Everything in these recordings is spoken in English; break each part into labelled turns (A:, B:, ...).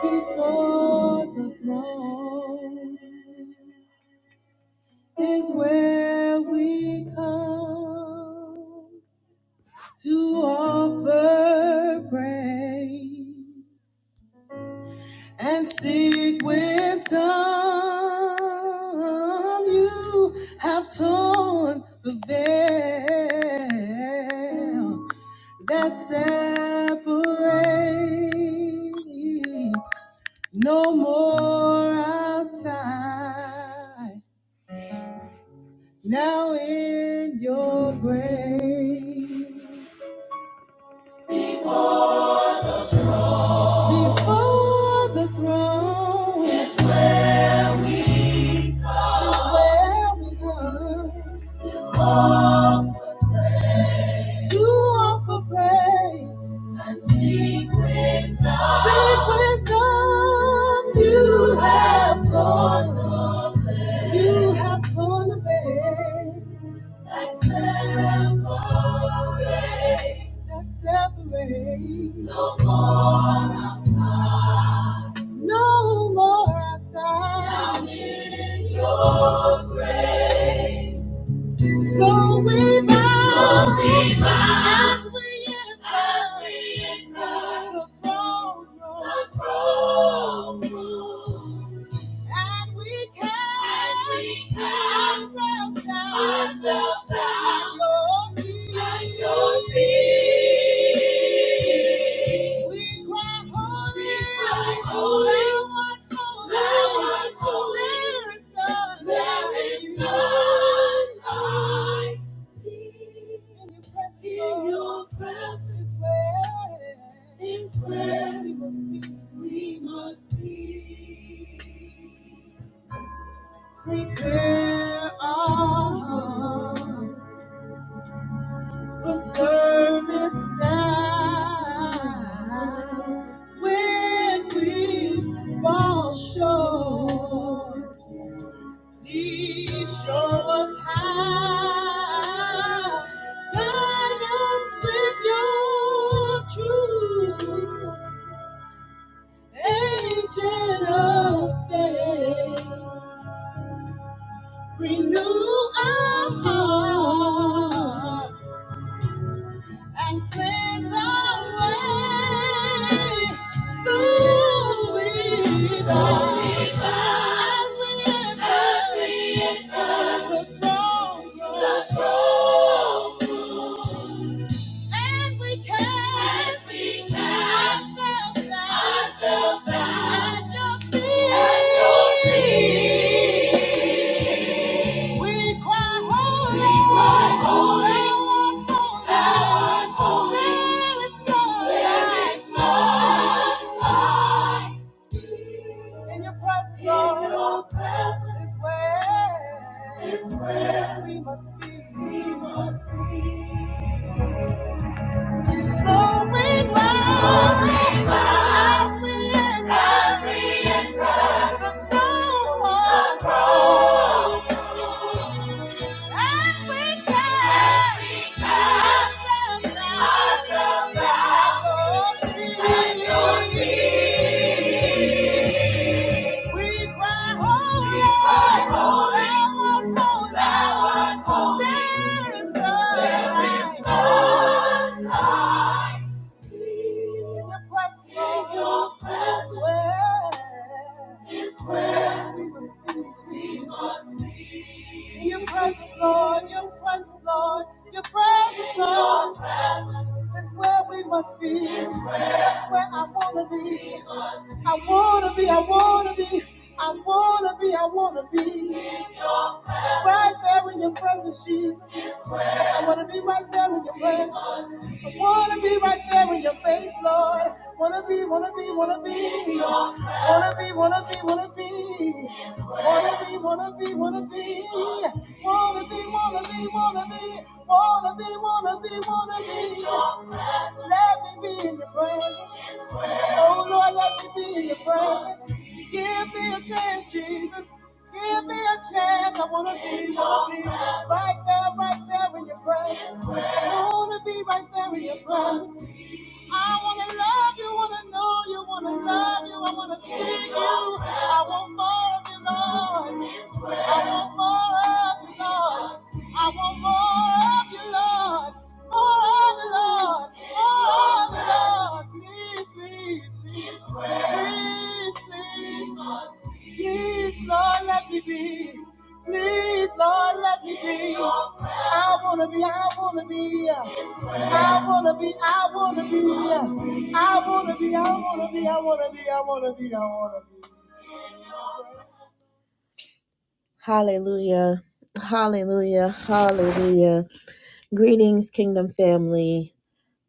A: Before the throne is where we come to offer praise. and seek wisdom. You have torn the veil that separates. No more outside. Now in your grace. Before the throne is where we come. Is where we come to offer praise and seek wisdom. Seek wisdom. You have torn. the veil. You have torn the veil that separate, that separate. No more outside, no more outside. I'm in your grace. So we bow, so we bow as we enter, as we enter the throne room, the throne room. And we cast, and we cast ourselves down, ourselves in your presence is where We must be. Prepare our hearts. for service now. When we fall short, these show us how. Guide us with your truth, agent of day. Renew our hearts. and cleanse our way. So we die. as we enter the throne room. The throne room. And we cast And we cast ourselves down ourselves down at your feet. At your feet. We cry holy. We cry holy. Thou art holy. There is none. There is none like in your presence, in Lord, your presence is where, is where we must be. We must be. Soaring we enter as we enter the throne hall. The throne. we cast ourselves down ourselves down at We cry, Holy, We cry, Holy, thou There is none There is like Your presence, Lord, your presence, Lord, your presence, Lord. That's where we must be. That's where I wanna be. I wanna be, I wanna be, I wanna be, I wanna be. Right there in your presence, Jesus. I want to be right there in your presence. I want to be right there in your face, Lord. Want to be, want to be, want to be. Want to be, want to be, want to be. Want to be, want to be, want to be. Want to be, want to be, want to be. Want to be, want to be, want to be. Let me be in your presence. Oh Lord, let me be in your presence. Give me a chance, Jesus. Give me a chance. I wanna be, wanna be right there, right there in your presence. I wanna be right there in your presence. I wanna love you, wanna know you, wanna love you, I wanna see you. I want more of you, Lord. I want more of you, Lord. I want more of you, Lord. More of you, Lord. More of you, Lord. Please, please, please, please, please. Please, Lord, let me be. Please, Lord, let me be. I wanna be, I wanna be. I wanna be, I wanna be. I wanna be, I wanna be, I wanna be, I wanna be, I wanna be. Hallelujah. Hallelujah. Hallelujah. Greetings, kingdom family.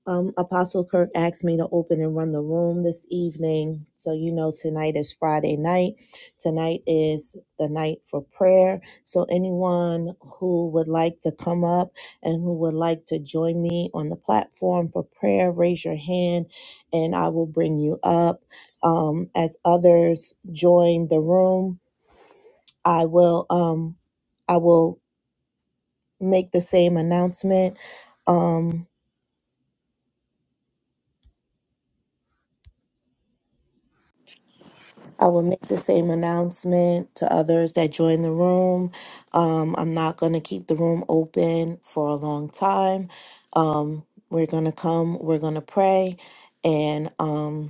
A: Um, Apostle Kirk asked me to open and run the room this evening. So, you know, tonight is Friday night. Tonight is the night for prayer. So, anyone who would like to come up and who would like to join me on the platform for prayer, raise your hand and I will bring you up. Um, as others join the room, I will, um, I will make the same announcement. Um, I will make the same announcement to others that join the room. Um, I'm not going to keep the room open for a long time. Um, we're going to come, we're going to pray, and um,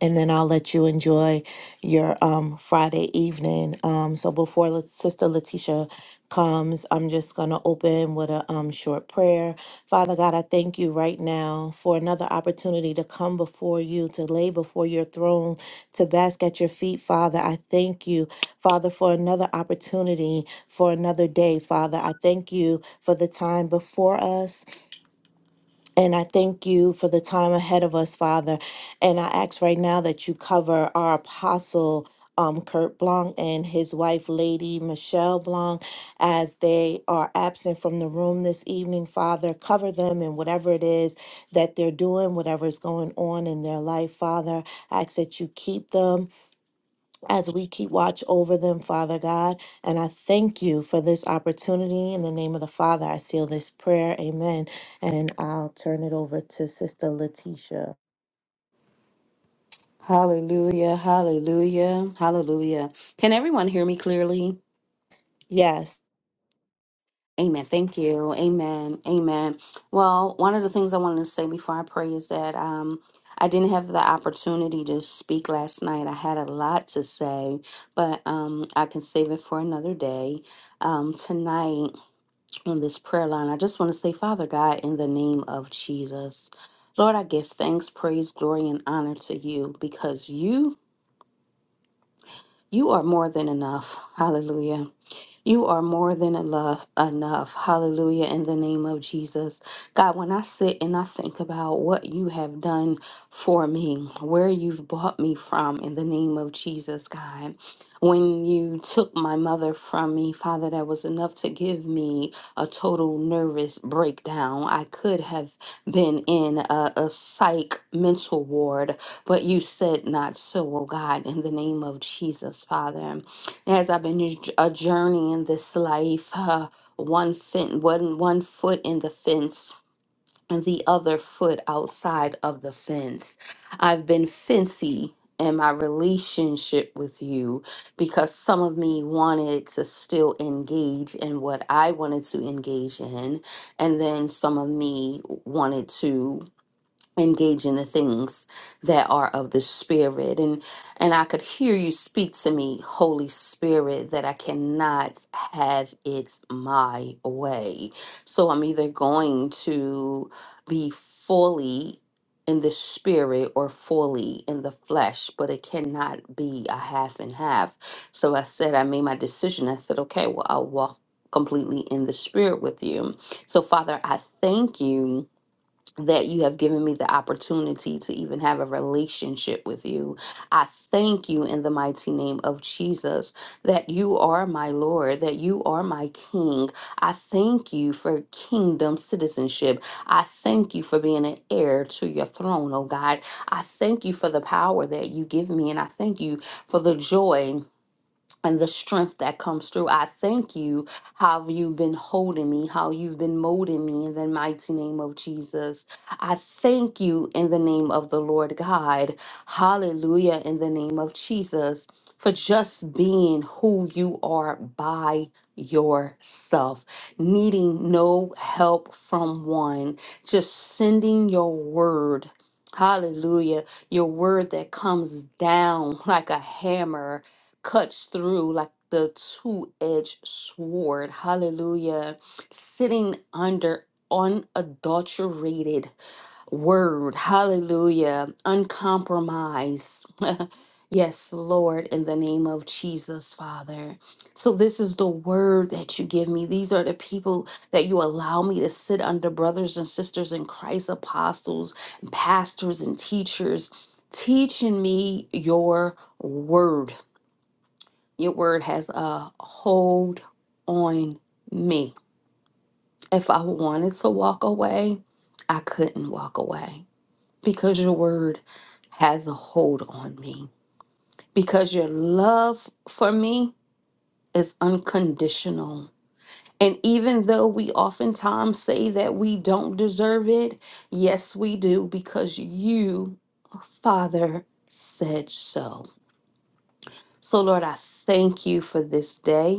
A: and then I'll let you enjoy your um, Friday evening. Um, so before La- Sister Letitia comes, I'm just gonna open with a um, short prayer. Father God, I thank you right now for another opportunity to come before you, to lay before your throne, to bask at your feet, Father. I thank you, Father, for another opportunity, for another day, Father. I thank you for the time before us. And I thank you for the time ahead of us, Father. And I ask right now that you cover our apostle, um, Kurt Blanc, and his wife, Lady Michelle Blanc, as they are absent from the room this evening, Father. Cover them in whatever it is that they're doing, whatever is going on in their life, Father. I ask that you keep them as we keep watch over them, Father God. And I thank you for this opportunity. In the name of the Father, I seal this prayer. Amen. And I'll turn it over to Sister Letitia.
B: Hallelujah, hallelujah, hallelujah. Can everyone hear me clearly?
A: Yes.
B: Amen. Thank you. Amen. Amen. Well, one of the things I wanted to say before I pray is that um I didn't have the opportunity to speak last night. I had a lot to say, but um I can save it for another day. Um tonight on this prayer line, I just want to say, Father God, in the name of Jesus. Lord, I give thanks, praise, glory, and honor to you because you You are more than enough. Hallelujah. You are more than enough, enough. Hallelujah. In the name of Jesus. God, when I sit and I think about what you have done for me, where you've brought me from, in the name of Jesus, God. When you took my mother from me, Father, that was enough to give me a total nervous breakdown. I could have been in a, a psych mental ward, but you said not so, oh God, in the name of Jesus, Father. As I've been a a journey in this life, uh, one fin- one one foot in the fence and the other foot outside of the fence. I've been fancy in my relationship with you because some of me wanted to still engage in what I wanted to engage in, and then some of me wanted to engage in the things that are of the spirit and and I could hear you speak to me holy spirit that I cannot have it my way so I'm either going to be fully in the spirit or fully in the flesh but it cannot be a half and half so I said I made my decision I said okay well I'll walk completely in the spirit with you so father I thank you that you have given me the opportunity to even have a relationship with you. I thank you in the mighty name of Jesus that you are my Lord, that you are my King. I thank you for kingdom citizenship. I thank you for being an heir to your throne, oh God. I thank you for the power that you give me, and I thank you for the joy and the strength that comes through. I thank you how you've been holding me, how you've been molding me in the mighty name of Jesus. I thank you in the name of the Lord God. Hallelujah in the name of Jesus for just being who you are by yourself, needing no help from one, just sending your word. Hallelujah. Your word that comes down like a hammer cuts through like the two edged sword. Hallelujah. Sitting under unadulterated word. Hallelujah. Uncompromised. yes, Lord, in the name of Jesus, Father. So, this is the word that you give me. These are the people that you allow me to sit under brothers and sisters in Christ, apostles, pastors, and teachers, teaching me your word. Your word has a hold on me. If I wanted to walk away, I couldn't walk away because your word has a hold on me. Because your love for me is unconditional. And even though we oftentimes say that we don't deserve it, yes, we do because you, Father, said so. So, Lord, I thank you for this day.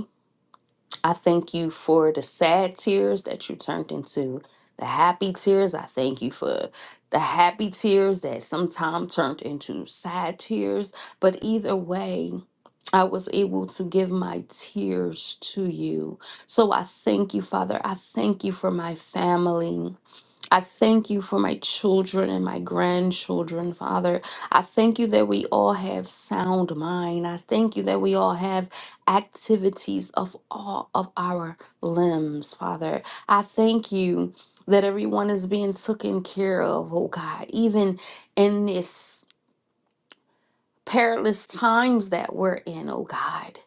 B: I thank you for the sad tears that you turned into the happy tears. I thank you for the happy tears that sometime turned into sad tears. But either way, I was able to give my tears to you. So I thank you, Father. I thank you for my family. I thank you for my children and my grandchildren, Father. I thank you that we all have sound mind. I thank you that we all have activities of all of our limbs, Father. I thank you that everyone is being taken care of, oh God, even in this perilous times that we're in, oh God.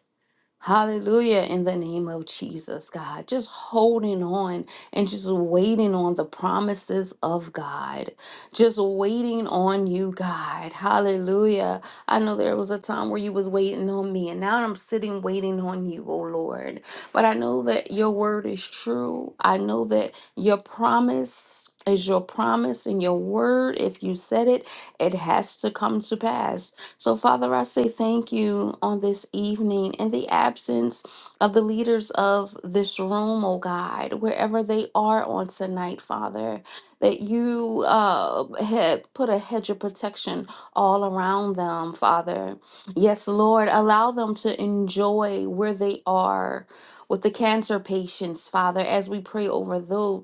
B: Hallelujah. In the name of Jesus, God, just holding on and just waiting on the promises of God, just waiting on you, God. Hallelujah. I know there was a time where you was waiting on me and now I'm sitting waiting on you, oh Lord. But I know that your word is true. I know that your promise is your promise and your word. If you said it, it has to come to pass. So, Father, I say thank you on this evening in the absence of the leaders of this room, oh God, wherever they are on tonight, Father, that you uh, had put a hedge of protection all around them, Father. Yes, Lord, allow them to enjoy where they are with the cancer patients, Father, as we pray over those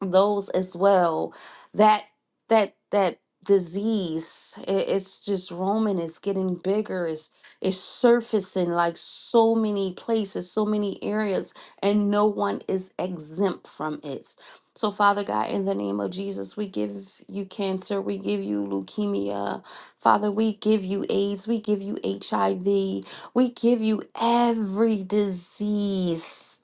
B: those as well that that that disease i- it's just roaming it's getting bigger it's it's surfacing like so many places so many areas and no one is exempt from it so father god in the name of jesus we give you cancer we give you leukemia father we give you aids we give you hiv we give you every disease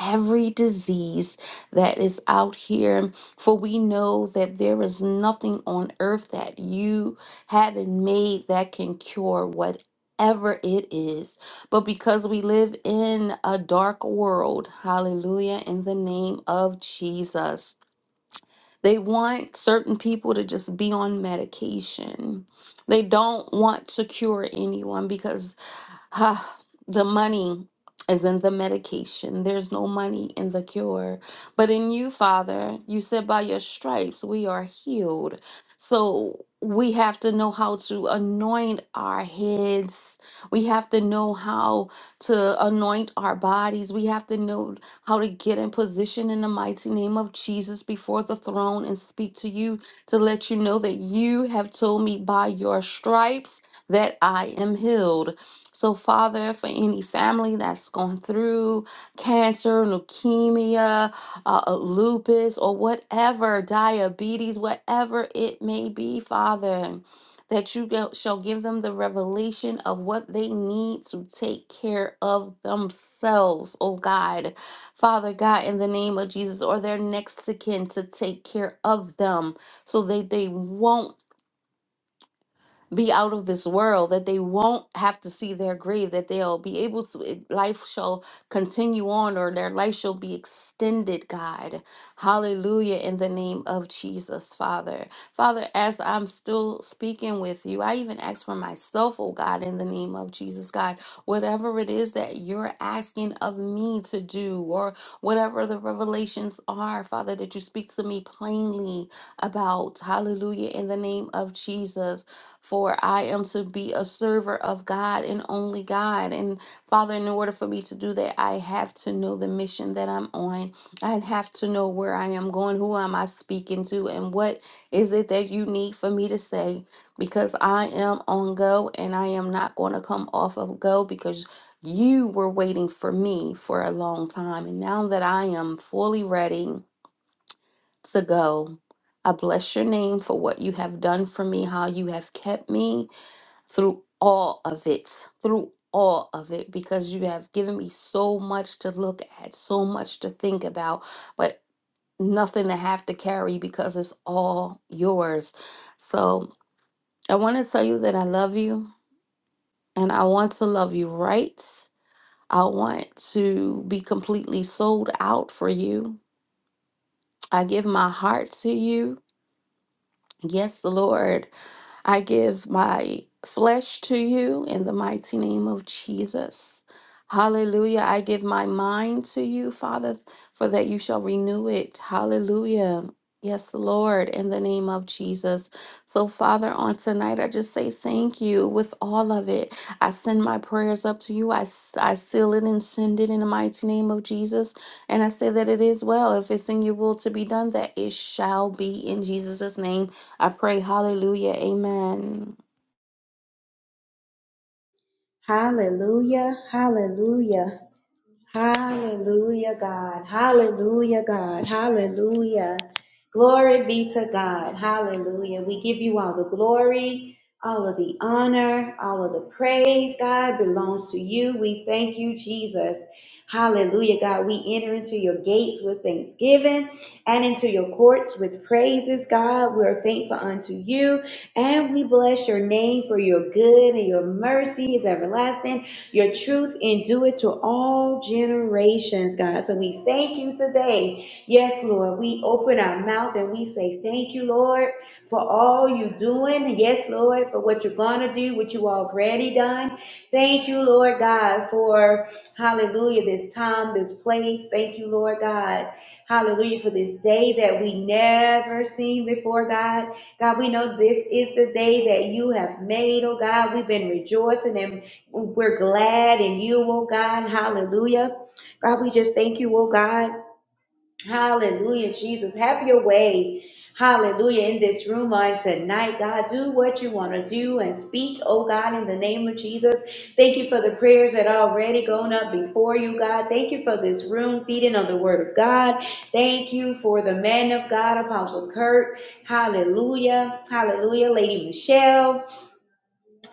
B: every disease that is out here. For we know that there is nothing on earth that you haven't made that can cure whatever it is. But because we live in a dark world, hallelujah, in the name of Jesus. They want certain people to just be on medication. They don't want to cure anyone because Ah, the money is in the medication. There's no money in the cure. But in you, Father, you said by your stripes we are healed. So we have to know how to anoint our heads. We have to know how to anoint our bodies. We have to know how to get in position in the mighty name of Jesus before the throne and speak to you to let you know that you have told me by your stripes that I am healed. So, Father, for any family that's gone through cancer, leukemia, uh, uh, lupus, or whatever, diabetes, whatever it may be, Father, that you go- shall give them the revelation of what they need to take care of themselves, oh God. Father God, in the name of Jesus, or their next to kin to take care of them so that they won't be out of this world, that they won't have to see their grave, that they'll be able to, it- life shall continue on or their life shall be extended, God. Hallelujah, in the name of Jesus, Father. Father, as I'm still speaking with you, I even ask for myself, oh God, in the name of Jesus, God, whatever it is that you're asking of me to do or whatever the revelations are, Father, that you speak to me plainly about. Hallelujah, in the name of Jesus. For I am to be a server of God and only God. And Father, in order for me to do that, I have to know the mission that I'm on. I have to know where I am going, who am I speaking to, and what is it that you need for me to say? Because I am on go and I am not going to come off of go because you were waiting for me for a long time. And now that I am fully ready to go, I bless your name for what you have done for me, how you have kept me through all of it, through all of it, because you have given me so much to look at, so much to think about, but nothing to have to carry because it's all yours. So I want to tell you that I love you and I want to love you right. I want to be completely sold out for you. I give my heart to you. Yes, Lord. I give my flesh to you in the mighty name of Jesus. Hallelujah. I give my mind to you, Father, for that you shall renew it. Hallelujah. Yes, Lord, in the name of Jesus. So, Father, on tonight, I just say thank you with all of it. I send my prayers up to you. I, s- I seal it and send it in the mighty name of Jesus. And I say that it is well. If it's in your will to be done, that it shall be in Jesus' name. I pray, hallelujah, amen.
C: Hallelujah, hallelujah. Hallelujah, God. Hallelujah, God. Hallelujah. Glory be to God. Hallelujah. We give you all the glory, all of the honor, all of the praise, God, belongs to you. We thank you, Jesus. Hallelujah, God. We enter into your gates with thanksgiving and into your courts with praises, God. We are thankful unto you and we bless your name for your good and your mercy is everlasting. Your truth endure to all generations, God. So we thank you today. Yes, Lord. We open our mouth and we say thank you, Lord, for all you're doing. Yes, Lord, for what you're going to do, what you already done. Thank you, Lord God, for hallelujah, this time, this place. Thank you, Lord God. Hallelujah, for this day that we never seen before, God. God, we know this is the day that you have made, oh God. We've been rejoicing and we're glad in you, oh God. Hallelujah. God, we just thank you, oh God. Hallelujah, Jesus. Have your way. Hallelujah. In this room on tonight, God, do what you want to do and speak, oh God, in the name of Jesus. Thank you for the prayers that are already going up before you, God. Thank you for this room feeding on the word of God. Thank you for the man of God, Apostle Kurt. Hallelujah. Hallelujah, Lady Michelle.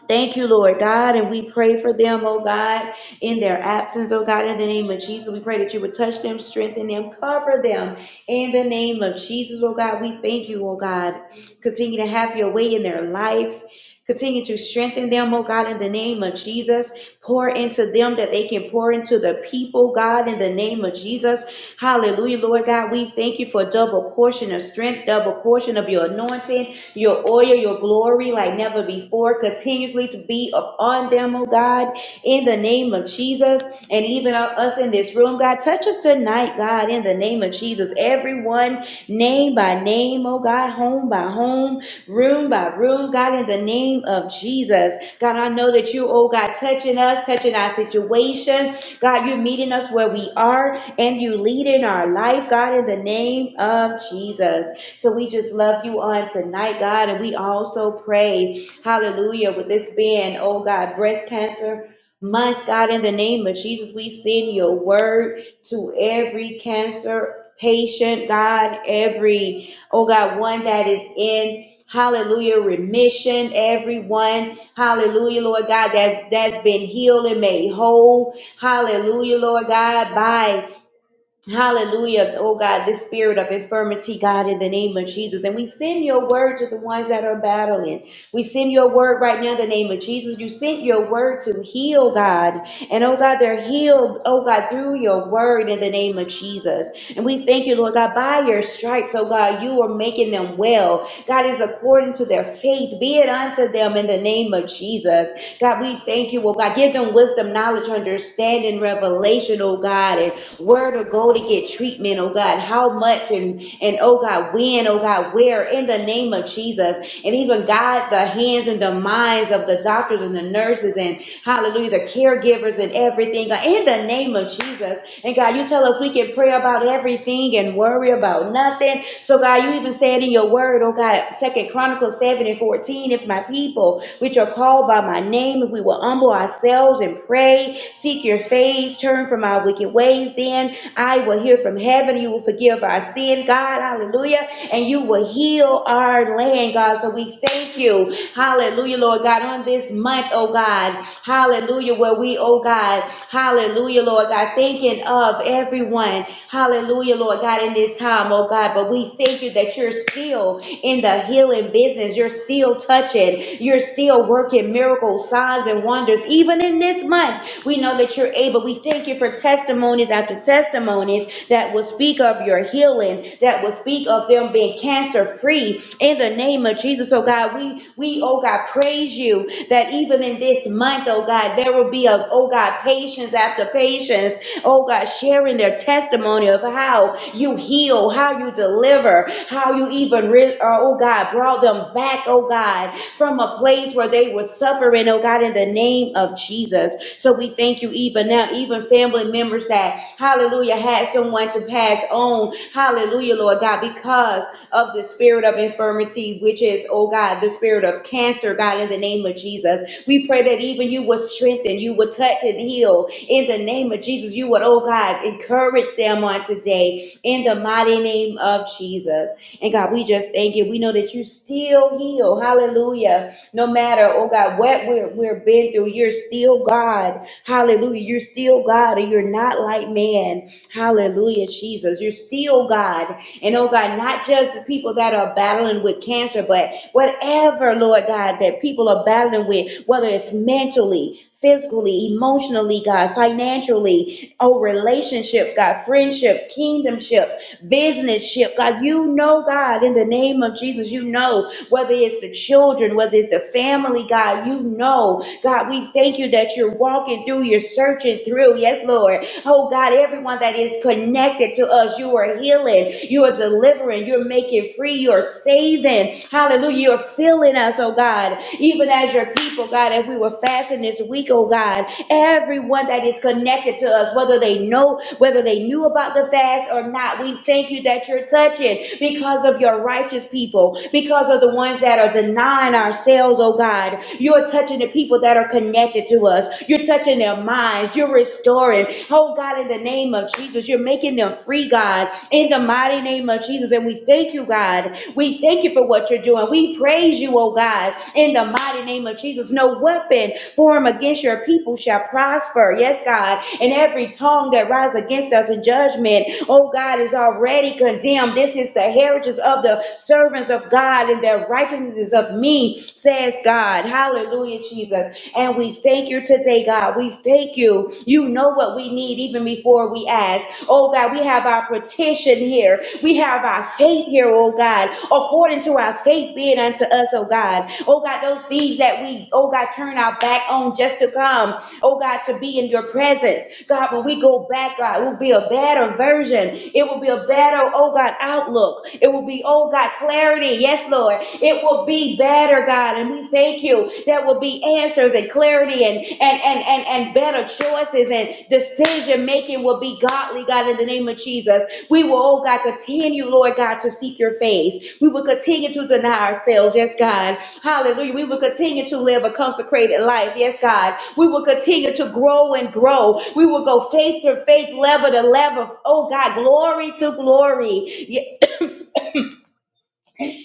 C: Thank you, Lord God, and we pray for them, oh God, in their absence, oh God, in the name of Jesus. We pray that you would touch them, strengthen them, cover them in the name of Jesus, oh God. We thank you, oh God. Continue to have your way in their life. Continue to strengthen them, oh God, in the name of Jesus. Pour into them that they can pour into the people, God, in the name of Jesus. Hallelujah, Lord God. We thank you for double portion of strength, double portion of your anointing your oil, your glory like never before, continuously to be upon them, oh God, in the name of Jesus. And even us in this room, God, touch us tonight, God, in the name of Jesus. Everyone, name by name, oh God, home by home, room by room, God, in the name of Jesus. God, I know that you, oh God, touching us, touching our situation. God, you're meeting us where we are and you lead in our life, God, in the name of Jesus. So we just love you on tonight, God. And we also pray, hallelujah, with this being, oh God, breast cancer month, God, in the name of Jesus, we send your word to every cancer patient, God, every, oh God, one that is in. Hallelujah, remission, everyone. Hallelujah, Lord God, that, that's been healed and made whole. Hallelujah, Lord God, by Hallelujah. Oh God, this spirit of infirmity, God, in the name of Jesus. And we send your word to the ones that are battling. We send your word right now in the name of Jesus. You sent your word to heal, God. And oh God, they're healed, oh God, through your word in the name of Jesus. And we thank you, Lord God, by your stripes, oh God, you are making them well. God is according to their faith. Be it unto them in the name of Jesus. God, we thank you, oh God. Give them wisdom, knowledge, understanding, revelation, oh God, and where to go to get treatment, oh God. How much and and oh God, when, oh God, where in the name of Jesus. And even God, the hands and the minds of the doctors and the nurses and hallelujah, the caregivers and everything. God, In the name of Jesus. And God, you tell us we can we can pray about everything and worry about nothing. So God, you even said in your word, oh God, Second Chronicles 7 and 14, if my people, which are called by my name, if we will humble ourselves and pray, seek your face, turn from our wicked ways, then I will hear from heaven, you will forgive our sin, God, hallelujah, and you will heal our land, God. God. So we thank you. Hallelujah, Lord God, on this month, oh God. Hallelujah, where we, oh God, hallelujah, Lord God, thinking of everyone. Hallelujah, Lord God, in this time, oh God. But we thank you that you're still in the healing business. You're still touching. You're still working miracles, signs, and wonders, even in this month. We know that you're able. We thank you for testimonies after testimonies that will speak of your healing, that will speak of them being cancer free in the name of Jesus. Oh God, we, we, oh God, praise you that even in this month, oh God, there will be a, oh God, patience after patience, oh God, sharing their testimony of how you heal, how you deliver, how you even, re- uh, oh God, brought them back, oh God, from a place where they were suffering, oh God, in the name of Jesus. So we thank you even now, even family members that, hallelujah, had someone to pass on, hallelujah, Lord God, because of the spirit of infirmity, which is, oh God, the spirit of cancer, God, in the name of Jesus. We pray that even you would strengthen, you would touch and heal in the name of Jesus. You would, oh God, encourage them on today in the mighty name of Jesus. And God, we just thank you. We know that you still heal. Hallelujah. No matter, oh God, what we're, we're been through, you're still God. Hallelujah. You're still God and you're not like man. Hallelujah, Jesus. You're still God. And oh God, not just the people that are battling with cancer, but whatever, Lord God, that people are battling with, whether it's mentally, physically, emotionally, God, financially, Oh, relationships, God, friendships, kingdomship, businessship. God, you know, God, in the name of Jesus, you know whether it's the children, whether it's the family, God, you know. God, we thank you that you're walking through, you're searching through. Yes, Lord. Oh, God, everyone that is connected to us, you are healing, you are delivering, you're making free, you're saving. Hallelujah. You're filling us, oh God, even as your people, God, as we were fasting this week, oh God everyone that is connected to us, whether they know, whether they knew about the fast or not. We thank you that you're touching because of your righteous people, because of the ones that are denying ourselves, oh God. You're touching the people that are connected to us. You're touching their minds. You're restoring. Oh God, in the name of Jesus, you're making them free, God, in the mighty name of Jesus. And we thank you, God. We thank you for what you're doing. We praise you, oh God, in the mighty name of Jesus. No weapon form against your people shall prosper. Yes, God. And every tongue that rise against us in judgment, oh God, is already condemned. This is the heritage of the servants of God, and their righteousness is of me, says God. Hallelujah, Jesus. And we thank you today, God. We thank you. You know what we need even before we ask. Oh, God, we have our petition here. We have our faith here, oh, God, according to our faith being unto us, oh, God. Oh, God, those things that we, oh, God, turn our back on just to come oh God, to be in your presence. God, when we go back, God, it will be a better version. It will be a better, oh God, outlook. It will be, oh God, clarity. Yes, Lord. It will be better, God. And we thank you. There will be answers and clarity and and and and, and better choices and decision making will be godly, God, in the name of Jesus. We will, oh God, continue, Lord God, to seek your face. We will continue to deny ourselves. Yes, God. Hallelujah. We will continue to live a consecrated life. Yes, God. We will continue to grow and grow. We will go faith to faith, level to level. Oh, God, glory to glory.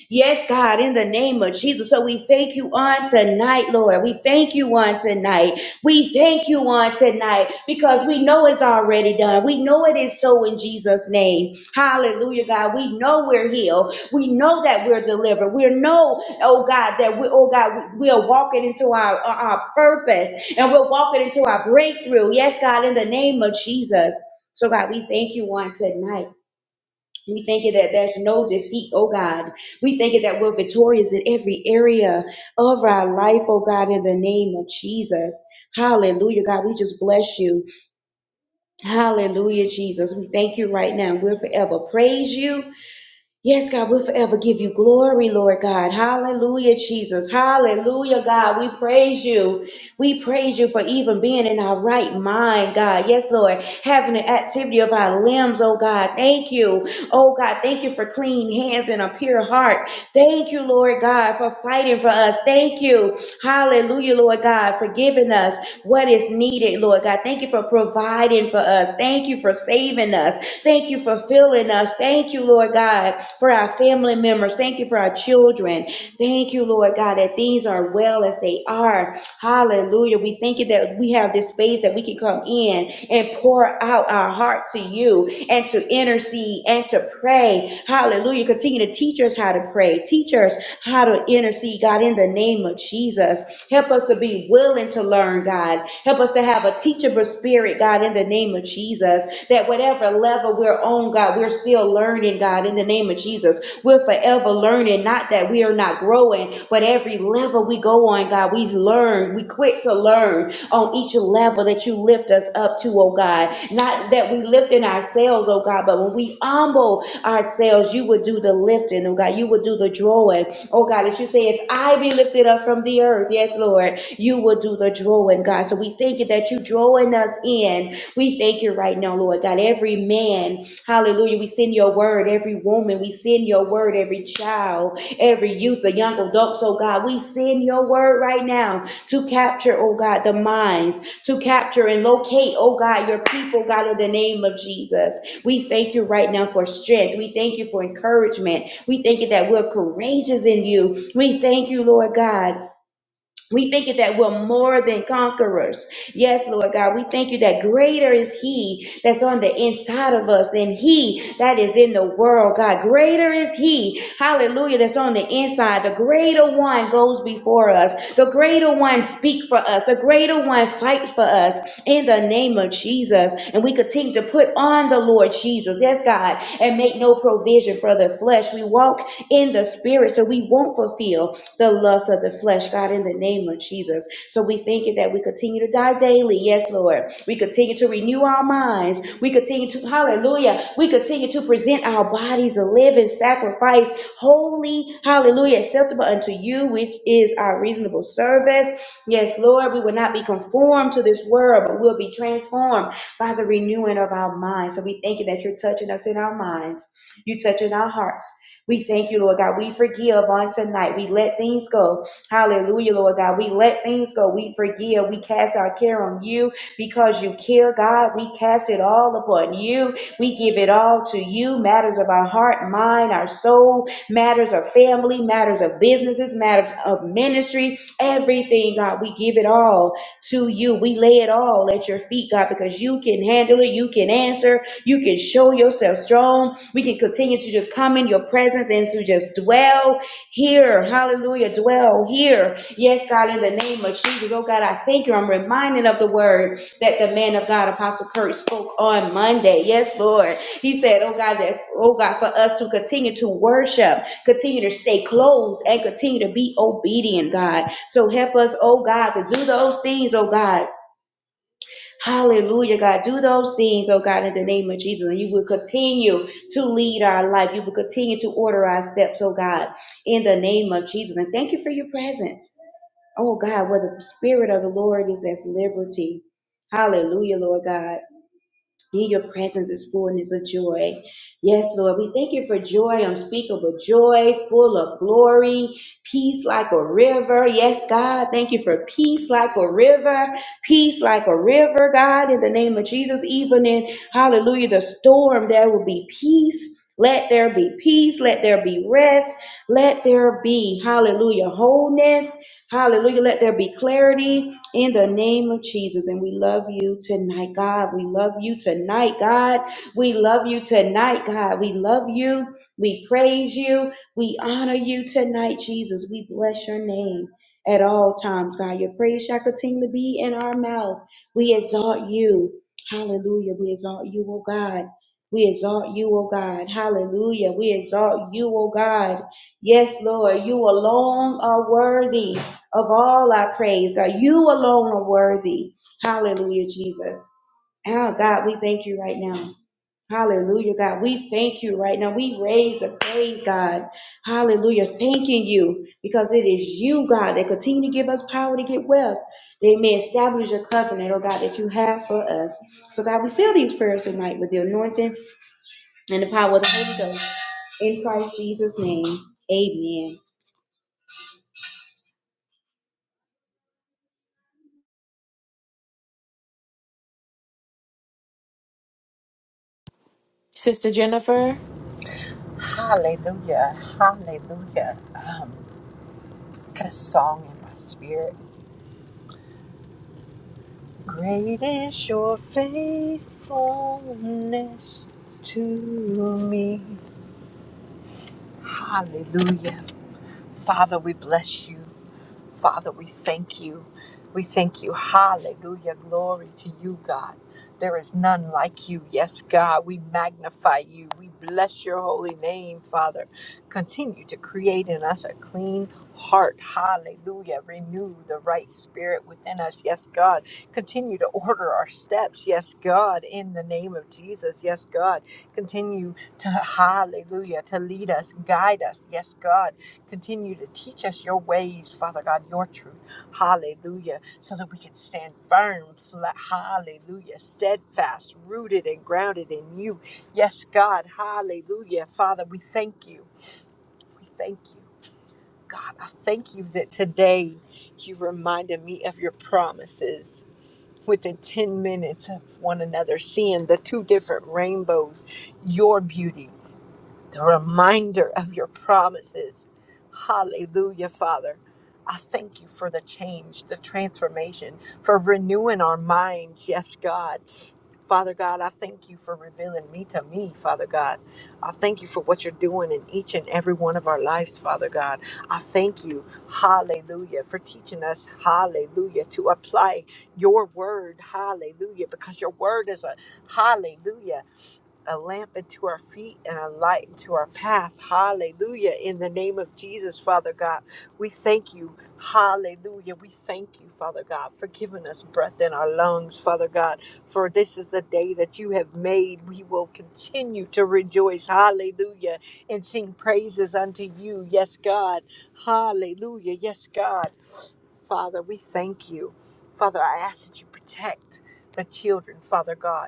C: Yes, God, in the name of Jesus. So we thank you on tonight, Lord. We thank you on tonight. We thank you on tonight because we know it's already done. We know it is so in Jesus' name. Hallelujah, God. We know we're healed. We know that we're delivered. We know, oh God, that we, oh God, we are walking into our, our our purpose and we're walking into our breakthrough. Yes, God, in the name of Jesus. So God, we thank you on tonight. We thank you that there's no defeat, oh God. We thank you that we're victorious in every area of our life, oh God, in the name of Jesus. Hallelujah, God. We just bless you. Hallelujah, Jesus. We thank you right now. We'll forever praise you. Yes, God, we'll forever give you glory, Lord God. Hallelujah, Jesus. Hallelujah, God. We praise you. We praise you for even being in our right mind, God. Yes, Lord. Having the activity of our limbs, oh God. Thank you. Oh God, thank you for clean hands and a pure heart. Thank you, Lord God, for fighting for us. Thank you. Hallelujah, Lord God, for giving us what is needed, Lord God. Thank you for providing for us. Thank you for saving us. Thank you for filling us. Thank you, Lord God, for our family members. Thank you for our children. Thank you, Lord God, that things are well as they are. Hallelujah. We thank you that we have this space that we can come in and pour out our heart to you and to intercede and to pray. Hallelujah. Continue to teach us how to pray. Teach us how to intercede, God. God, in the name of Jesus. Help us to be willing to learn, God. Help us to have a teachable spirit, God, in the name of Jesus. That whatever level we're on, God, we're still learning, God, in the name of Jesus. We're forever learning, not that we are not growing, but every level we go on, God, we learn. We quit to learn on each level that you lift us up to, oh God. Not that we lift in ourselves, oh God, but when we humble ourselves, you would do the lifting, oh God. You would do the drawing. Oh God, as you say, if I be lifted up from the earth, yes, Lord, you will do the drawing, God. So we thank you that you drawing us in. We thank you right now, Lord God. Every man, hallelujah, we send your word. Every woman, we send your word. Every child, every youth, the young adults, oh God, we send your word right now to capture, oh God, the minds, to capture and locate, oh God, your people, God, in the name of Jesus. We thank you right now for strength. We thank you for encouragement. We thank you that we're courageous in you. We thank you, Lord God we thank you that we're more than conquerors. Yes, Lord God. We thank you that greater is He that's on the inside of us than He that is in the world, God. Greater is He, hallelujah, that's on the inside. The greater one goes before us. The greater one speaks for us. The greater one fights for us in the name of Jesus. And we continue to put on the Lord Jesus, yes, God, and make no provision for the flesh. We walk in the spirit so we won't fulfill the lust of the flesh, God, in the name of Jesus. So we thank you that we continue to die daily. Yes, Lord. We continue to renew our minds. We continue to, hallelujah, we continue to present our bodies a living sacrifice, holy, hallelujah, acceptable unto you, which is our reasonable service. Yes, Lord, we will not be conformed to this world, but we'll be transformed by the renewing of our minds. So we thank you that you're touching us in our minds. You're touching our hearts. We thank you, Lord God. We forgive on tonight. We let things go. Hallelujah, Lord God. We let things go. We forgive. We cast our care on you because you care, God. We cast it all upon you. We give it all to you. Matters of our heart, mind, our soul, matters of family, matters of businesses, matters of ministry, everything, God. We give it all to you. We lay it all at your feet, God, because you can handle it. You can answer. You can show yourself strong. We can continue to just come in your presence and to just dwell here. Hallelujah. Dwell here. Yes, God, in the name of Jesus. Oh, God, I thank you. I'm reminded of the word that the man of God, Apostle Kurt, spoke on Monday. Yes, Lord. He said, Oh, God, that, oh, God, for us to continue to worship, continue to stay close, and continue to be obedient, God. So help us, oh, God, to do those things, oh, God Hallelujah, God. Do those things, oh God, in the name of Jesus. And you will continue to lead our life. You will continue to order our steps, oh God, in the name of Jesus. And thank you for your presence. Oh God, where the Spirit of the Lord is, there's liberty. Hallelujah, Lord God. In your presence is fullness of joy. Yes, Lord, we thank you for joy, unspeakable joy, full of glory, peace like a river. Yes, God, thank you for peace like a river, peace like a river, God, in the name of Jesus. Even in, hallelujah, the storm, there will be peace. Let there be peace. Let there be rest. Let there be, hallelujah, wholeness. Hallelujah. Let there be clarity in the name of Jesus. And we love you tonight, God. We love you tonight, God. We love you tonight, God. We love you. We praise you. We honor you tonight, Jesus. We bless your name at all times, God. Your praise shall continue to be in our mouth. We exalt you. Hallelujah. We exalt you, oh God. We exalt you, oh God. Hallelujah. We exalt you, oh God. Yes, Lord, you alone are worthy of all our praise, God. You alone are worthy. Hallelujah, Jesus. Oh, God, we thank you right now. Hallelujah, God. We thank you right now. We raise the praise, God. Hallelujah. Thanking you because it is you, God, that continue to give us power to get wealth. They may establish your covenant, oh God, that you have for us. So, God, we seal these prayers tonight with the anointing and the power of the Holy Ghost. In Christ Jesus' name, amen.
A: Sister Jennifer,
D: Hallelujah. Hallelujah. Um, got a song in my spirit. Great is your faithfulness to me. Hallelujah. Father, we bless you. Father, we thank you. We thank you. Hallelujah. Glory to you, God. There is none like you. Yes, God, we magnify you. We bless your holy name, Father. Continue to create in us a clean heart. Hallelujah. Renew the right spirit within us. Yes, God. Continue to order our steps. Yes, God, in the name of Jesus. Yes, God. Continue to, hallelujah, to lead us, guide us. Yes, God Continue to teach us your ways, Father God, your truth. Hallelujah. So that we can stand firm. flat- Hallelujah. Steadfast, rooted, and grounded in you. Yes, God. Hallelujah. Father, we thank you. We thank you. God, I thank you that today you reminded me of your promises within 10 minutes of one another, seeing the two different rainbows, your beauty the reminder of your promises. Hallelujah, Father. I thank you for the change, the transformation, for renewing our minds. Yes, God. Father God, I thank you for revealing me to me, Father God. I thank you for what you're doing in each and every one of our lives, Father God. I thank you, hallelujah, for teaching us, hallelujah, to apply your word, hallelujah, because your word is a hallelujah a lamp unto our feet and a light unto our path. Hallelujah. In the name of Jesus, Father God, we thank you. Hallelujah. We thank you, Father God, for giving us breath in our lungs, Father God, for this is the day that you have made. We will continue to rejoice. Hallelujah. And sing praises unto you. Yes, God. Hallelujah. Yes, God. Father, we thank you. Father, I ask that you protect the children, Father God.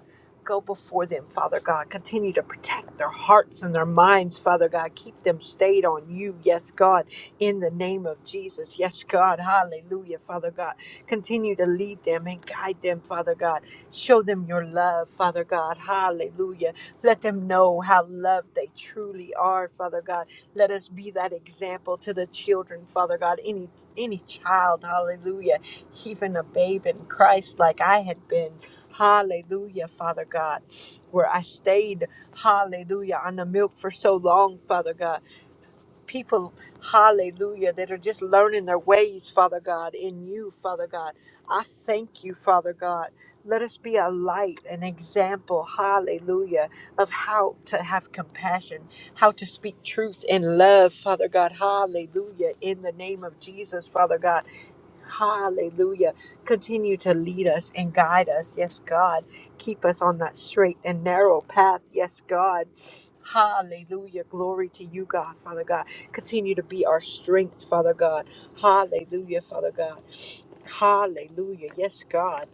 D: Go before them, Father God. Continue to protect their hearts and their minds, Father God. Keep them stayed on you, yes, God, in the name of Jesus. Yes, God. Hallelujah, Father God. Continue to lead them and guide them, Father God. Show them your love, Father God. Hallelujah. Let them know how loved they truly are, Father God. Let us be that example to the children, Father God. Any any child, hallelujah, even a babe in Christ like I had been. Hallelujah, Father God. Where I stayed, hallelujah, on the milk for so long, Father God. People, hallelujah, that are just learning their ways, Father God, in you, Father God. I thank you, Father God. Let us be a light, an example, hallelujah, of how to have compassion, how to speak truth in love, Father God. Hallelujah, in the name of Jesus, Father God. Hallelujah. Continue to lead us and guide us. Yes, God. Keep us on that straight and narrow path. Yes, God. Hallelujah. Glory to you, God, Father God. Continue to be our strength, Father God. Hallelujah, Father God. Hallelujah. Yes, God.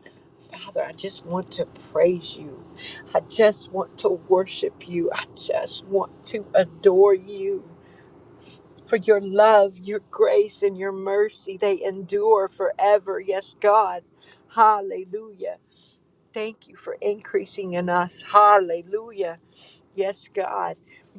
D: Father, I just want to praise you. I just want to worship you. I just want to adore you for your love, your grace, and your mercy. They endure forever. Yes, God. Hallelujah. Thank you for increasing in us. Hallelujah. Yes, God,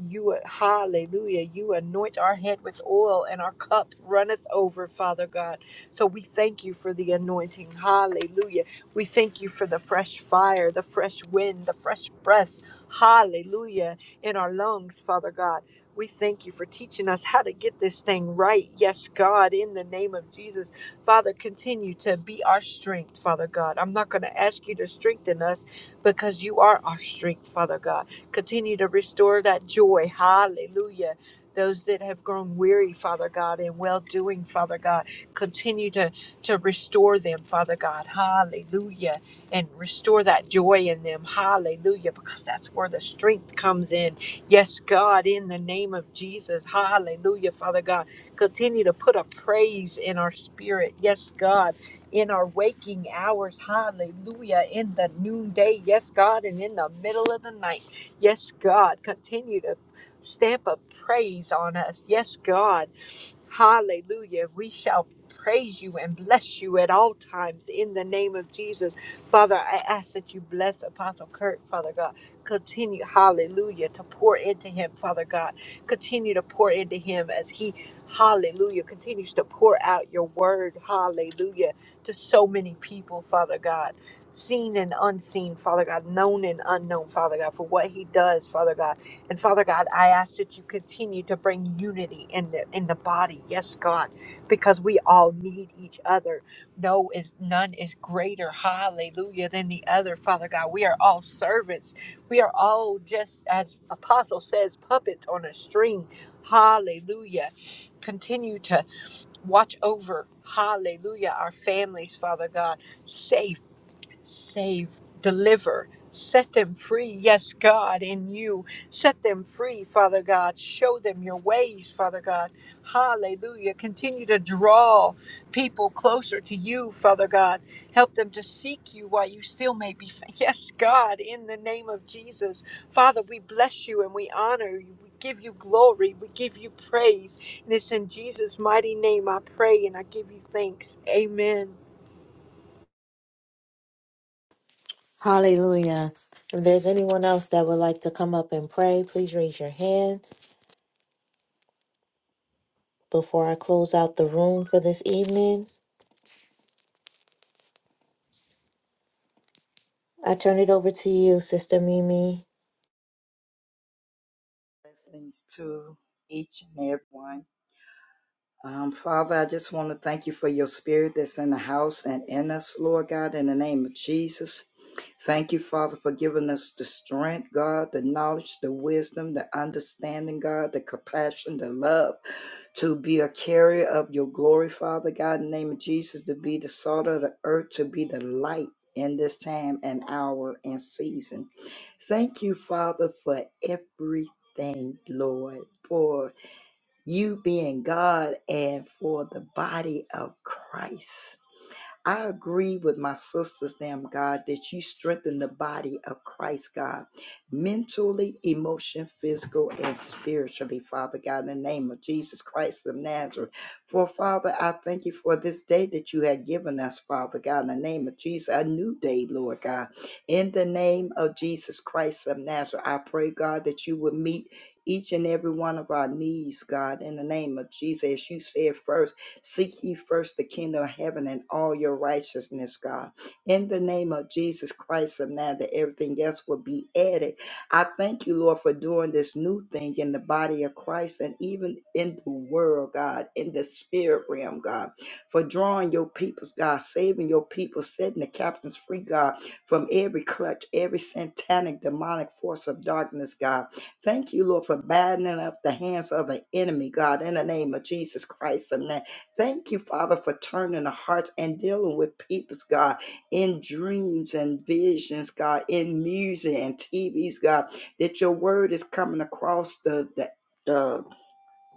D: you hallelujah. You anoint our head with oil and our cup runneth over, Father God. So we thank you for the anointing. Hallelujah. We thank you for the fresh fire, the fresh wind, the fresh breath. Hallelujah. In our lungs, Father God. We thank you for teaching us how to get this thing right. Yes, God, in the name of Jesus. Father, continue to be our strength, Father God. I'm not going to ask you to strengthen us because you are our strength, Father God. Continue to restore that joy. Hallelujah. Those that have grown weary, Father God, in well doing, Father God, continue to, to restore them, Father God. Hallelujah. And restore that joy in them. Hallelujah. Because that's where the strength comes in. Yes, God, in the name of Jesus. Hallelujah, Father God. Continue to put a praise in our spirit. Yes, God in our waking hours. Hallelujah. In the noonday. Yes, God. And in the middle of the night. Yes, God, continue to stamp a praise on us. Yes, God, Hallelujah. We shall praise you and bless you at all times in the name of Jesus. Father, I ask that you bless Apostle Kirk, Father God. Continue, hallelujah, to pour into him, Father God. Continue to pour into him as he, hallelujah, continues to pour out your word, hallelujah, to so many people, Father God, seen and unseen, Father God, known and unknown, Father God, for what he does, Father God. And Father God, I ask that you continue to bring unity in the in the body. Yes, God, because we all need each other. No is none is greater, hallelujah, than the other, Father God. We are all servants. We are all just as apostle says, puppets on a string. Hallelujah. Continue to watch over, hallelujah, our families, Father God. safe save, deliver, set them free. Yes, God, in you. Set them free, Father God. Show them your ways, Father God. Hallelujah. Continue to draw people closer to you, Father God. Help them to seek you while you still may be. Yes, God, in the name of Jesus. Father, we bless you and we honor you. We give you glory. We give you praise. And it's in Jesus' mighty name I pray and I give you thanks. Amen.
A: hallelujah. If there's anyone else that would like to come up and pray, please raise your hand before I close out the room for this evening. I turn it over to you, Sister Mimi.
E: Blessings to each and every one. Um, Father, I just want to thank you for your spirit that's in the house and in us, Lord God, in the name of Jesus. Thank you, Father, for giving us the strength, God, the knowledge, the wisdom, the understanding, God, the compassion, the love to be a carrier of your glory, Father God, in the name of Jesus, to be the salt of the earth, to be the light in this time and hour and season. Thank you, Father, for everything, Lord, for you being God and for the body of Christ. I agree with my sisters, damn God, that you strengthen the body of Christ, God, mentally, emotion, physical, and spiritually, Father God, in the name of Jesus Christ of Nazareth. For Father, I thank you for this day that you have given us, Father God, in the name of Jesus, a new day, Lord God. In the name of Jesus Christ of Nazareth, I pray, God, that you would meet each and every one of our needs, God, in the name of Jesus, as you said first. Seek ye first the kingdom of heaven and all your righteousness, God. In the name of Jesus Christ of Nazareth, everything else will be added. I thank you, Lord, for doing this new thing in the body of Christ and even in the world, God, in the spirit realm, God, for drawing your peoples, God, saving your people, setting the captains free, God, from every clutch, every satanic, demonic force of darkness, God. Thank you, Lord, for battening up the hands of the enemy, God, in the name of Jesus Christ of Nazareth. Thank you, Father, for turning the hearts and dealing with people's God in dreams and visions, God, in music and TVs, God, that your word is coming across the the, the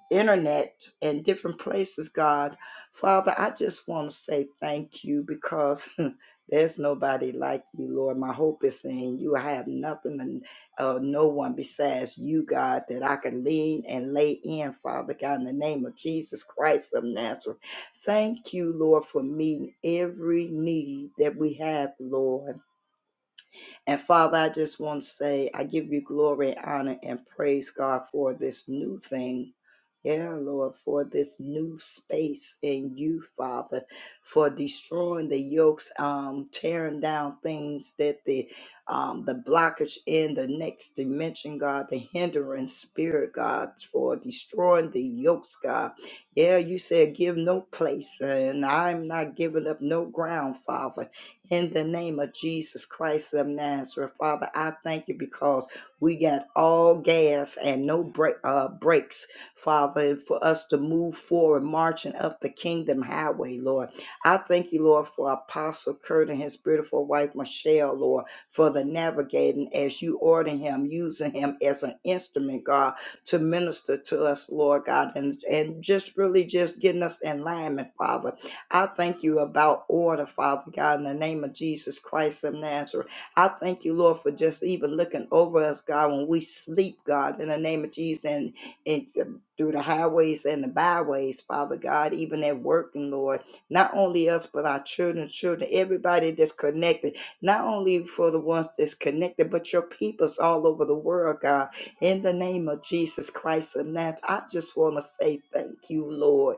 E: internet and different places, God. Father, I just want to say thank you because there's nobody like you, Lord. My hope is in you. I have nothing and uh, no one besides you, God, that I can lean and lay in, Father God, in the name of Jesus Christ of Nazareth. Thank you, Lord, for meeting every need that we have, Lord. And Father, I just want to say, I give you glory, honor, and praise, God, for this new thing. Yeah, Lord, for this new space in you, Father, for destroying the yokes, um, tearing down things that the um, the blockage in the next dimension, God, the hindering spirit, God, for destroying the yokes, God. Yeah, you said give no place, and I'm not giving up no ground, Father. In the name of Jesus Christ of Nazareth, Father, I thank you because we got all gas and no break, uh, breaks, Father, for us to move forward, marching up the kingdom highway, Lord. I thank you, Lord, for Apostle Kurt and his beautiful wife, Michelle, Lord, for the navigating as you order him, using him as an instrument, God, to minister to us, Lord God, and, and just really just getting us in alignment, Father I thank you about order, Father God, in the name of Jesus Christ of Nazareth. I thank you, Lord, for just even looking over us, God, when we sleep, God, in the name of Jesus, and, and through the highways and the byways, Father God, even at work, and Lord, not only us, but our children, children, everybody that's connected, not only for the ones that's connected, but your peoples all over the world, God, in the name of Jesus Christ of Nazareth. I just want to say thank you, Lord.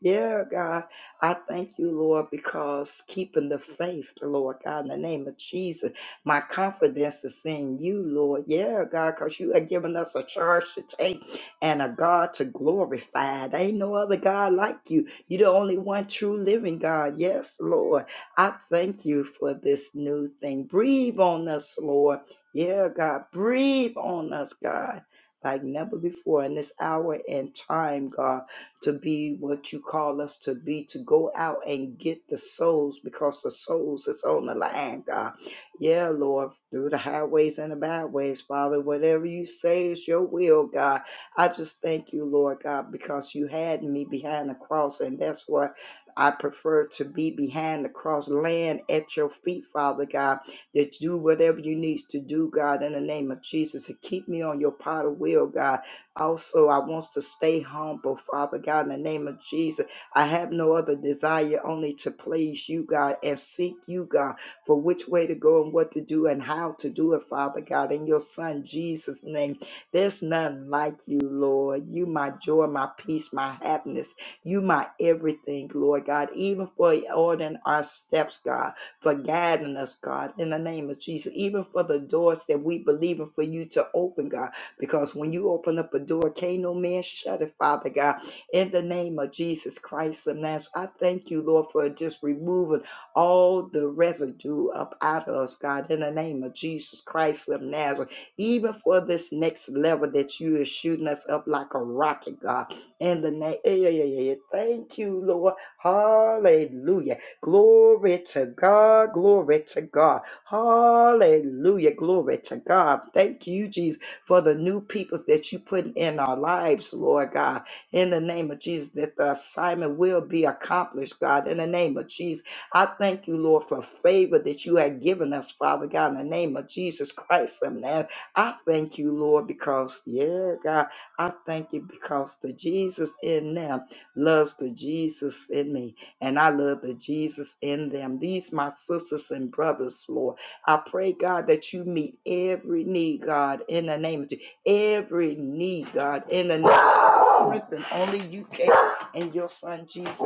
E: Yeah, God. I thank you, Lord, because keeping the faith, Lord God, in the name of Jesus, my confidence is in you, Lord. Yeah, God, because you have given us a charge to take and a God to glorify. There ain't no other God like you. You're the only one true living God. Yes, Lord. I thank you for this new thing. Breathe on us, Lord. Yeah, God, breathe on us, God, like never before in this hour and time, God to be what you call us to be, to go out and get the souls because the souls is on the line, God. Yeah, Lord, through the highways and the byways, Father, whatever you say is your will, God. I just thank you, Lord God, because you had me behind the cross, and that's what I prefer to be behind the cross, land at your feet, Father God, that do whatever you need to do, God, in the name of Jesus, to keep me on your pot of will, God also, I want to stay humble, Father God, in the name of Jesus. I have no other desire only to please you, God, and seek you, God, for which way to go and what to do and how to do it, Father God, in your Son Jesus' name. There's none like you, Lord. You, my joy, my peace, my happiness. You, my everything, Lord God, even for ordering our steps, God, for guiding us, God, in the name of Jesus, even for the doors that we believe in for you to open, God. Because when you open up a door, can't no man shut it, Father God. In the name of Jesus Christ of Nazareth, I thank you, Lord, for just removing all the residue up out of us, God, in the name of Jesus Christ of Nazareth. Even for this next level that you are shooting us up like a rocket, God. In the name, yeah, yeah, yeah, yeah. Thank you, Lord. Hallelujah. Glory to God. Glory to God. Hallelujah. Glory to God. Thank you, Jesus for the new peoples that you put in our lives, Lord God. In the name of Jesus, that the assignment will be accomplished, God. In the name of Jesus, I thank you, Lord, for favor that you have given us, Father God. In the name of Jesus Christ, of Nazareth. I thank you, Lord, because, yeah, God, I thank you because the Jesus in them loves the Jesus in me, and I love the Jesus in them. These my sisters and brothers, Lord. I pray, God, that you meet every need, God, in the name of Jesus. Every need, God, in the name of Jesus. Strengthen only you can in your son Jesus'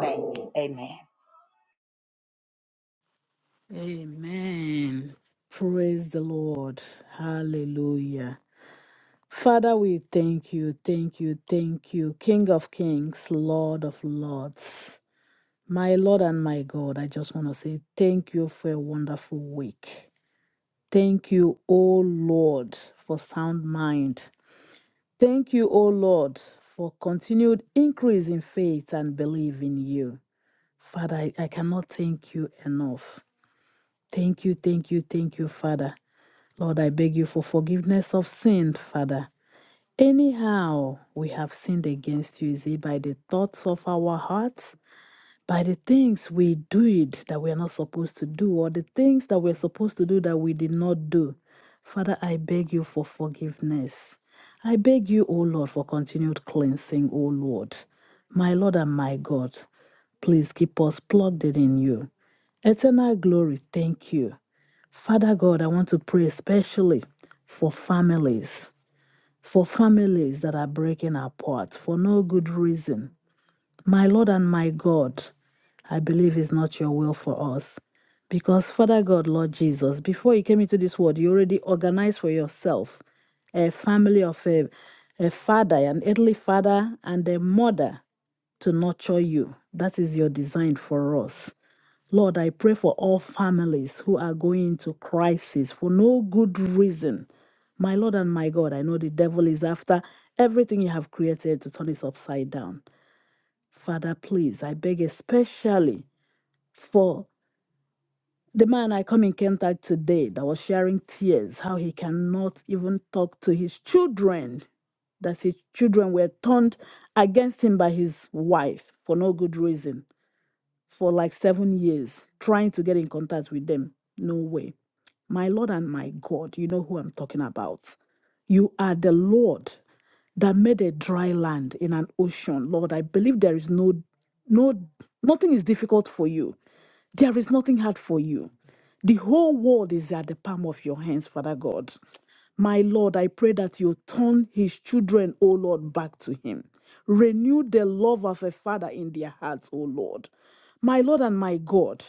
E: name. Amen.
F: Amen. Praise the Lord. Hallelujah. Father, we thank you, thank you, thank you, King of Kings, Lord of Lords. My Lord and my God, I just want to say thank you for a wonderful week. Thank you, O Lord, for sound mind. Thank you, O Lord, for continued increase in faith and belief in you. Father, I, I cannot thank you enough. Thank you, thank you, thank you, Father. Lord, I beg you for forgiveness of sin, Father. Anyhow, we have sinned against you, is it by the thoughts of our hearts, by the things we do it that we are not supposed to do, or the things that we're supposed to do that we did not do. Father, I beg you for forgiveness. I beg you, O Lord, for continued cleansing, O Lord. My Lord and my God, please keep us plugged in in you. Eternal glory, thank you. Father God, I want to pray especially for families, for families that are breaking apart for no good reason. My Lord and my God, I believe is not your will for us. Because Father God, Lord Jesus, before you came into this world, you already organized for yourself a family of a, a father, an earthly father, and a mother to nurture you. That is your design for us. Lord, I pray for all families who are going into crisis for no good reason. My Lord and my God, I know the devil is after everything you have created to turn it upside down. Father, please, I beg especially for the man I come in contact today that was sharing tears, how he cannot even talk to his children, that his children were turned against him by his wife for no good reason for like seven years trying to get in contact with them. No way. My Lord and my God, you know who I'm talking about. You are the Lord that made a dry land in an ocean. Lord, I believe there is no, no, nothing is difficult for you. There is nothing hard for you. The whole world is at the palm of your hands, Father God. My Lord, I pray that you turn his children, O Lord, back to him. Renew the love of a father in their hearts, O Lord. My Lord and my God,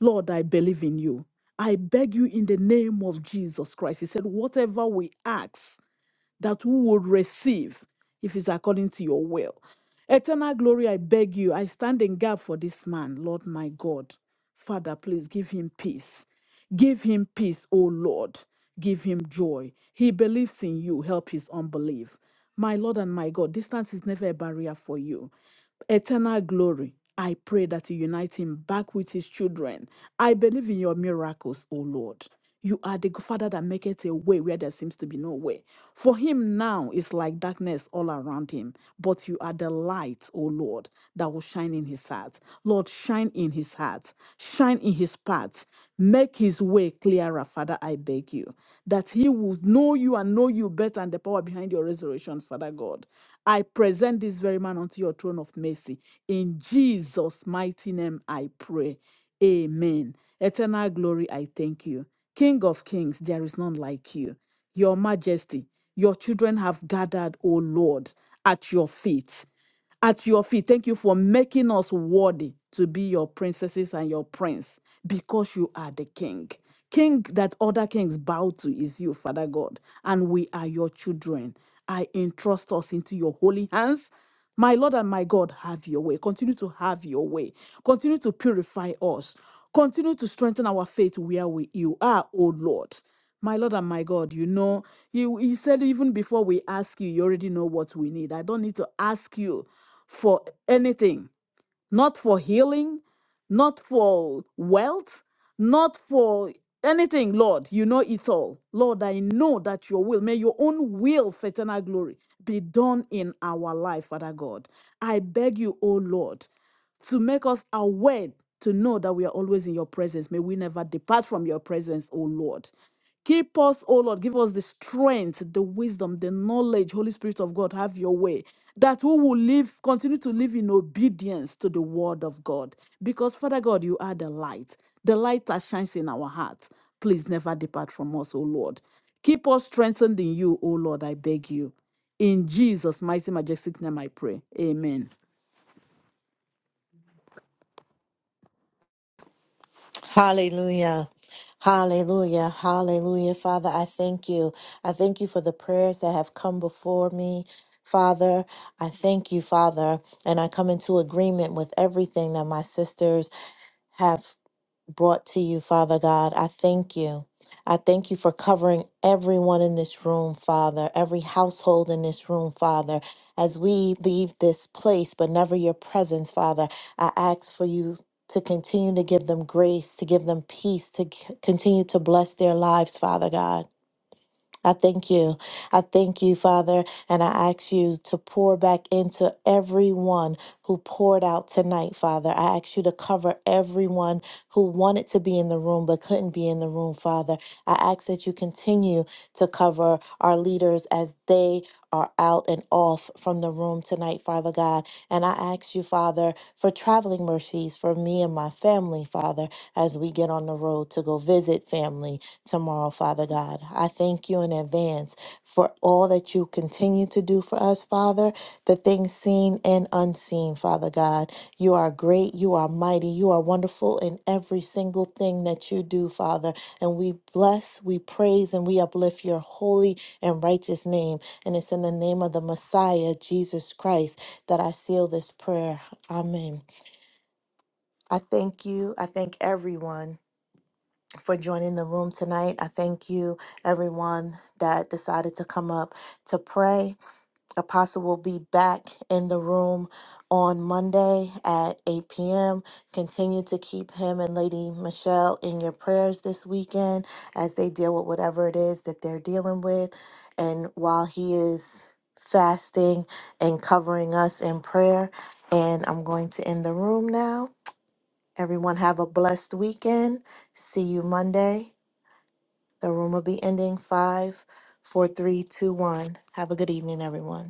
F: Lord, I believe in you. I beg you in the name of Jesus Christ. He said, Whatever we ask, that we will receive if it's according to your will. Eternal glory, I beg you, I stand in gap for this man, Lord my God. Father, please give him peace. Give him peace, O Lord. Give him joy. He believes in you. Help his unbelief. My Lord and my God, distance is never a barrier for you eternal glory. I pray that you unite him back with his children. I believe in your miracles, O Lord. You are the Father that maketh a way where there seems to be no way. For him now is like darkness all around him, but you are the light, O Lord, that will shine in his heart. Lord, shine in his heart, shine in his his path. Make his way clearer, Father, I beg you, that he will know you and know you better and the power behind your resurrection, Father God. I present this very man unto your throne of mercy. In Jesus' mighty name I pray. Amen. Eternal glory, I thank you. King of kings, there is none like you. Your majesty, your children have gathered, O Lord, at your feet at your feet. Thank you for making us worthy to be your princesses and your prince because you are the king. King that other kings bow to is you, Father God, and we are your children. I entrust us into your holy hands. My Lord and my God, have your way. Continue to have your way. Continue to purify us. Continue to strengthen our faith where we, you are, O Lord. My Lord and my God, you know, you, you said even before we ask you, you already know what we need. I don't need to ask you for anything, not for healing, not for wealth, not for anything, Lord. You know it all. Lord, I know that your will, may your own will for eternal glory be done in our life, Father God. I beg you, O Lord, to make us aware to know that we are always in your presence. May we never depart from your presence, O Lord. Keep us, O Lord. Give us the strength, the wisdom, the knowledge. Holy Spirit of God, have your way. That we will live, continue to live in obedience to the word of God. Because, Father God, you are the light, the light that shines in our hearts. Please never depart from us, O Lord. Keep us strengthened in you, O Lord, I beg you. In Jesus' mighty, majestic name, I pray. Amen.
A: Hallelujah. Hallelujah. Hallelujah. Father, I thank you. I thank you for the prayers that have come before me. Father, I thank you, Father, and I come into agreement with everything that my sisters have brought to you, Father God. I thank you. I thank you for covering everyone in this room, Father, every household in this room, Father. As we leave this place, but never your presence, Father, I ask for you to continue to give them grace, to give them peace, to c- continue to bless their lives, Father God. I thank you. I thank you, Father, and I ask you to pour back into everyone who poured out tonight, Father. I ask you to cover everyone who wanted to be in the room but couldn't be in the room, Father. I ask that you continue to cover our leaders as they are out and off from the room tonight, Father God. And I ask you, Father, for traveling mercies for me and my family, Father, as we get on the road to go visit family, tomorrow, Father God. I thank you in advance for all that you continue to do for us, Father, the things seen and unseen, Father God. You are great, you are mighty, you are wonderful in every single thing that you do, Father. And we bless, we praise, and we uplift your holy and righteous name. And it's in the name of the Messiah, Jesus Christ, that I seal this prayer. Amen. I thank you. I thank everyone for joining the room tonight. I thank you, everyone that decided to come up to pray. Apostle will be back in the room on Monday at 8 p.m. Continue to keep him and Lady Michelle in your prayers this weekend as they deal with whatever it is that they're dealing with. And while he is fasting and covering us in prayer, and I'm going to end the room now. Everyone have a blessed weekend. See you Monday. The room will be ending five, four, three, two, one. Have a good evening, everyone.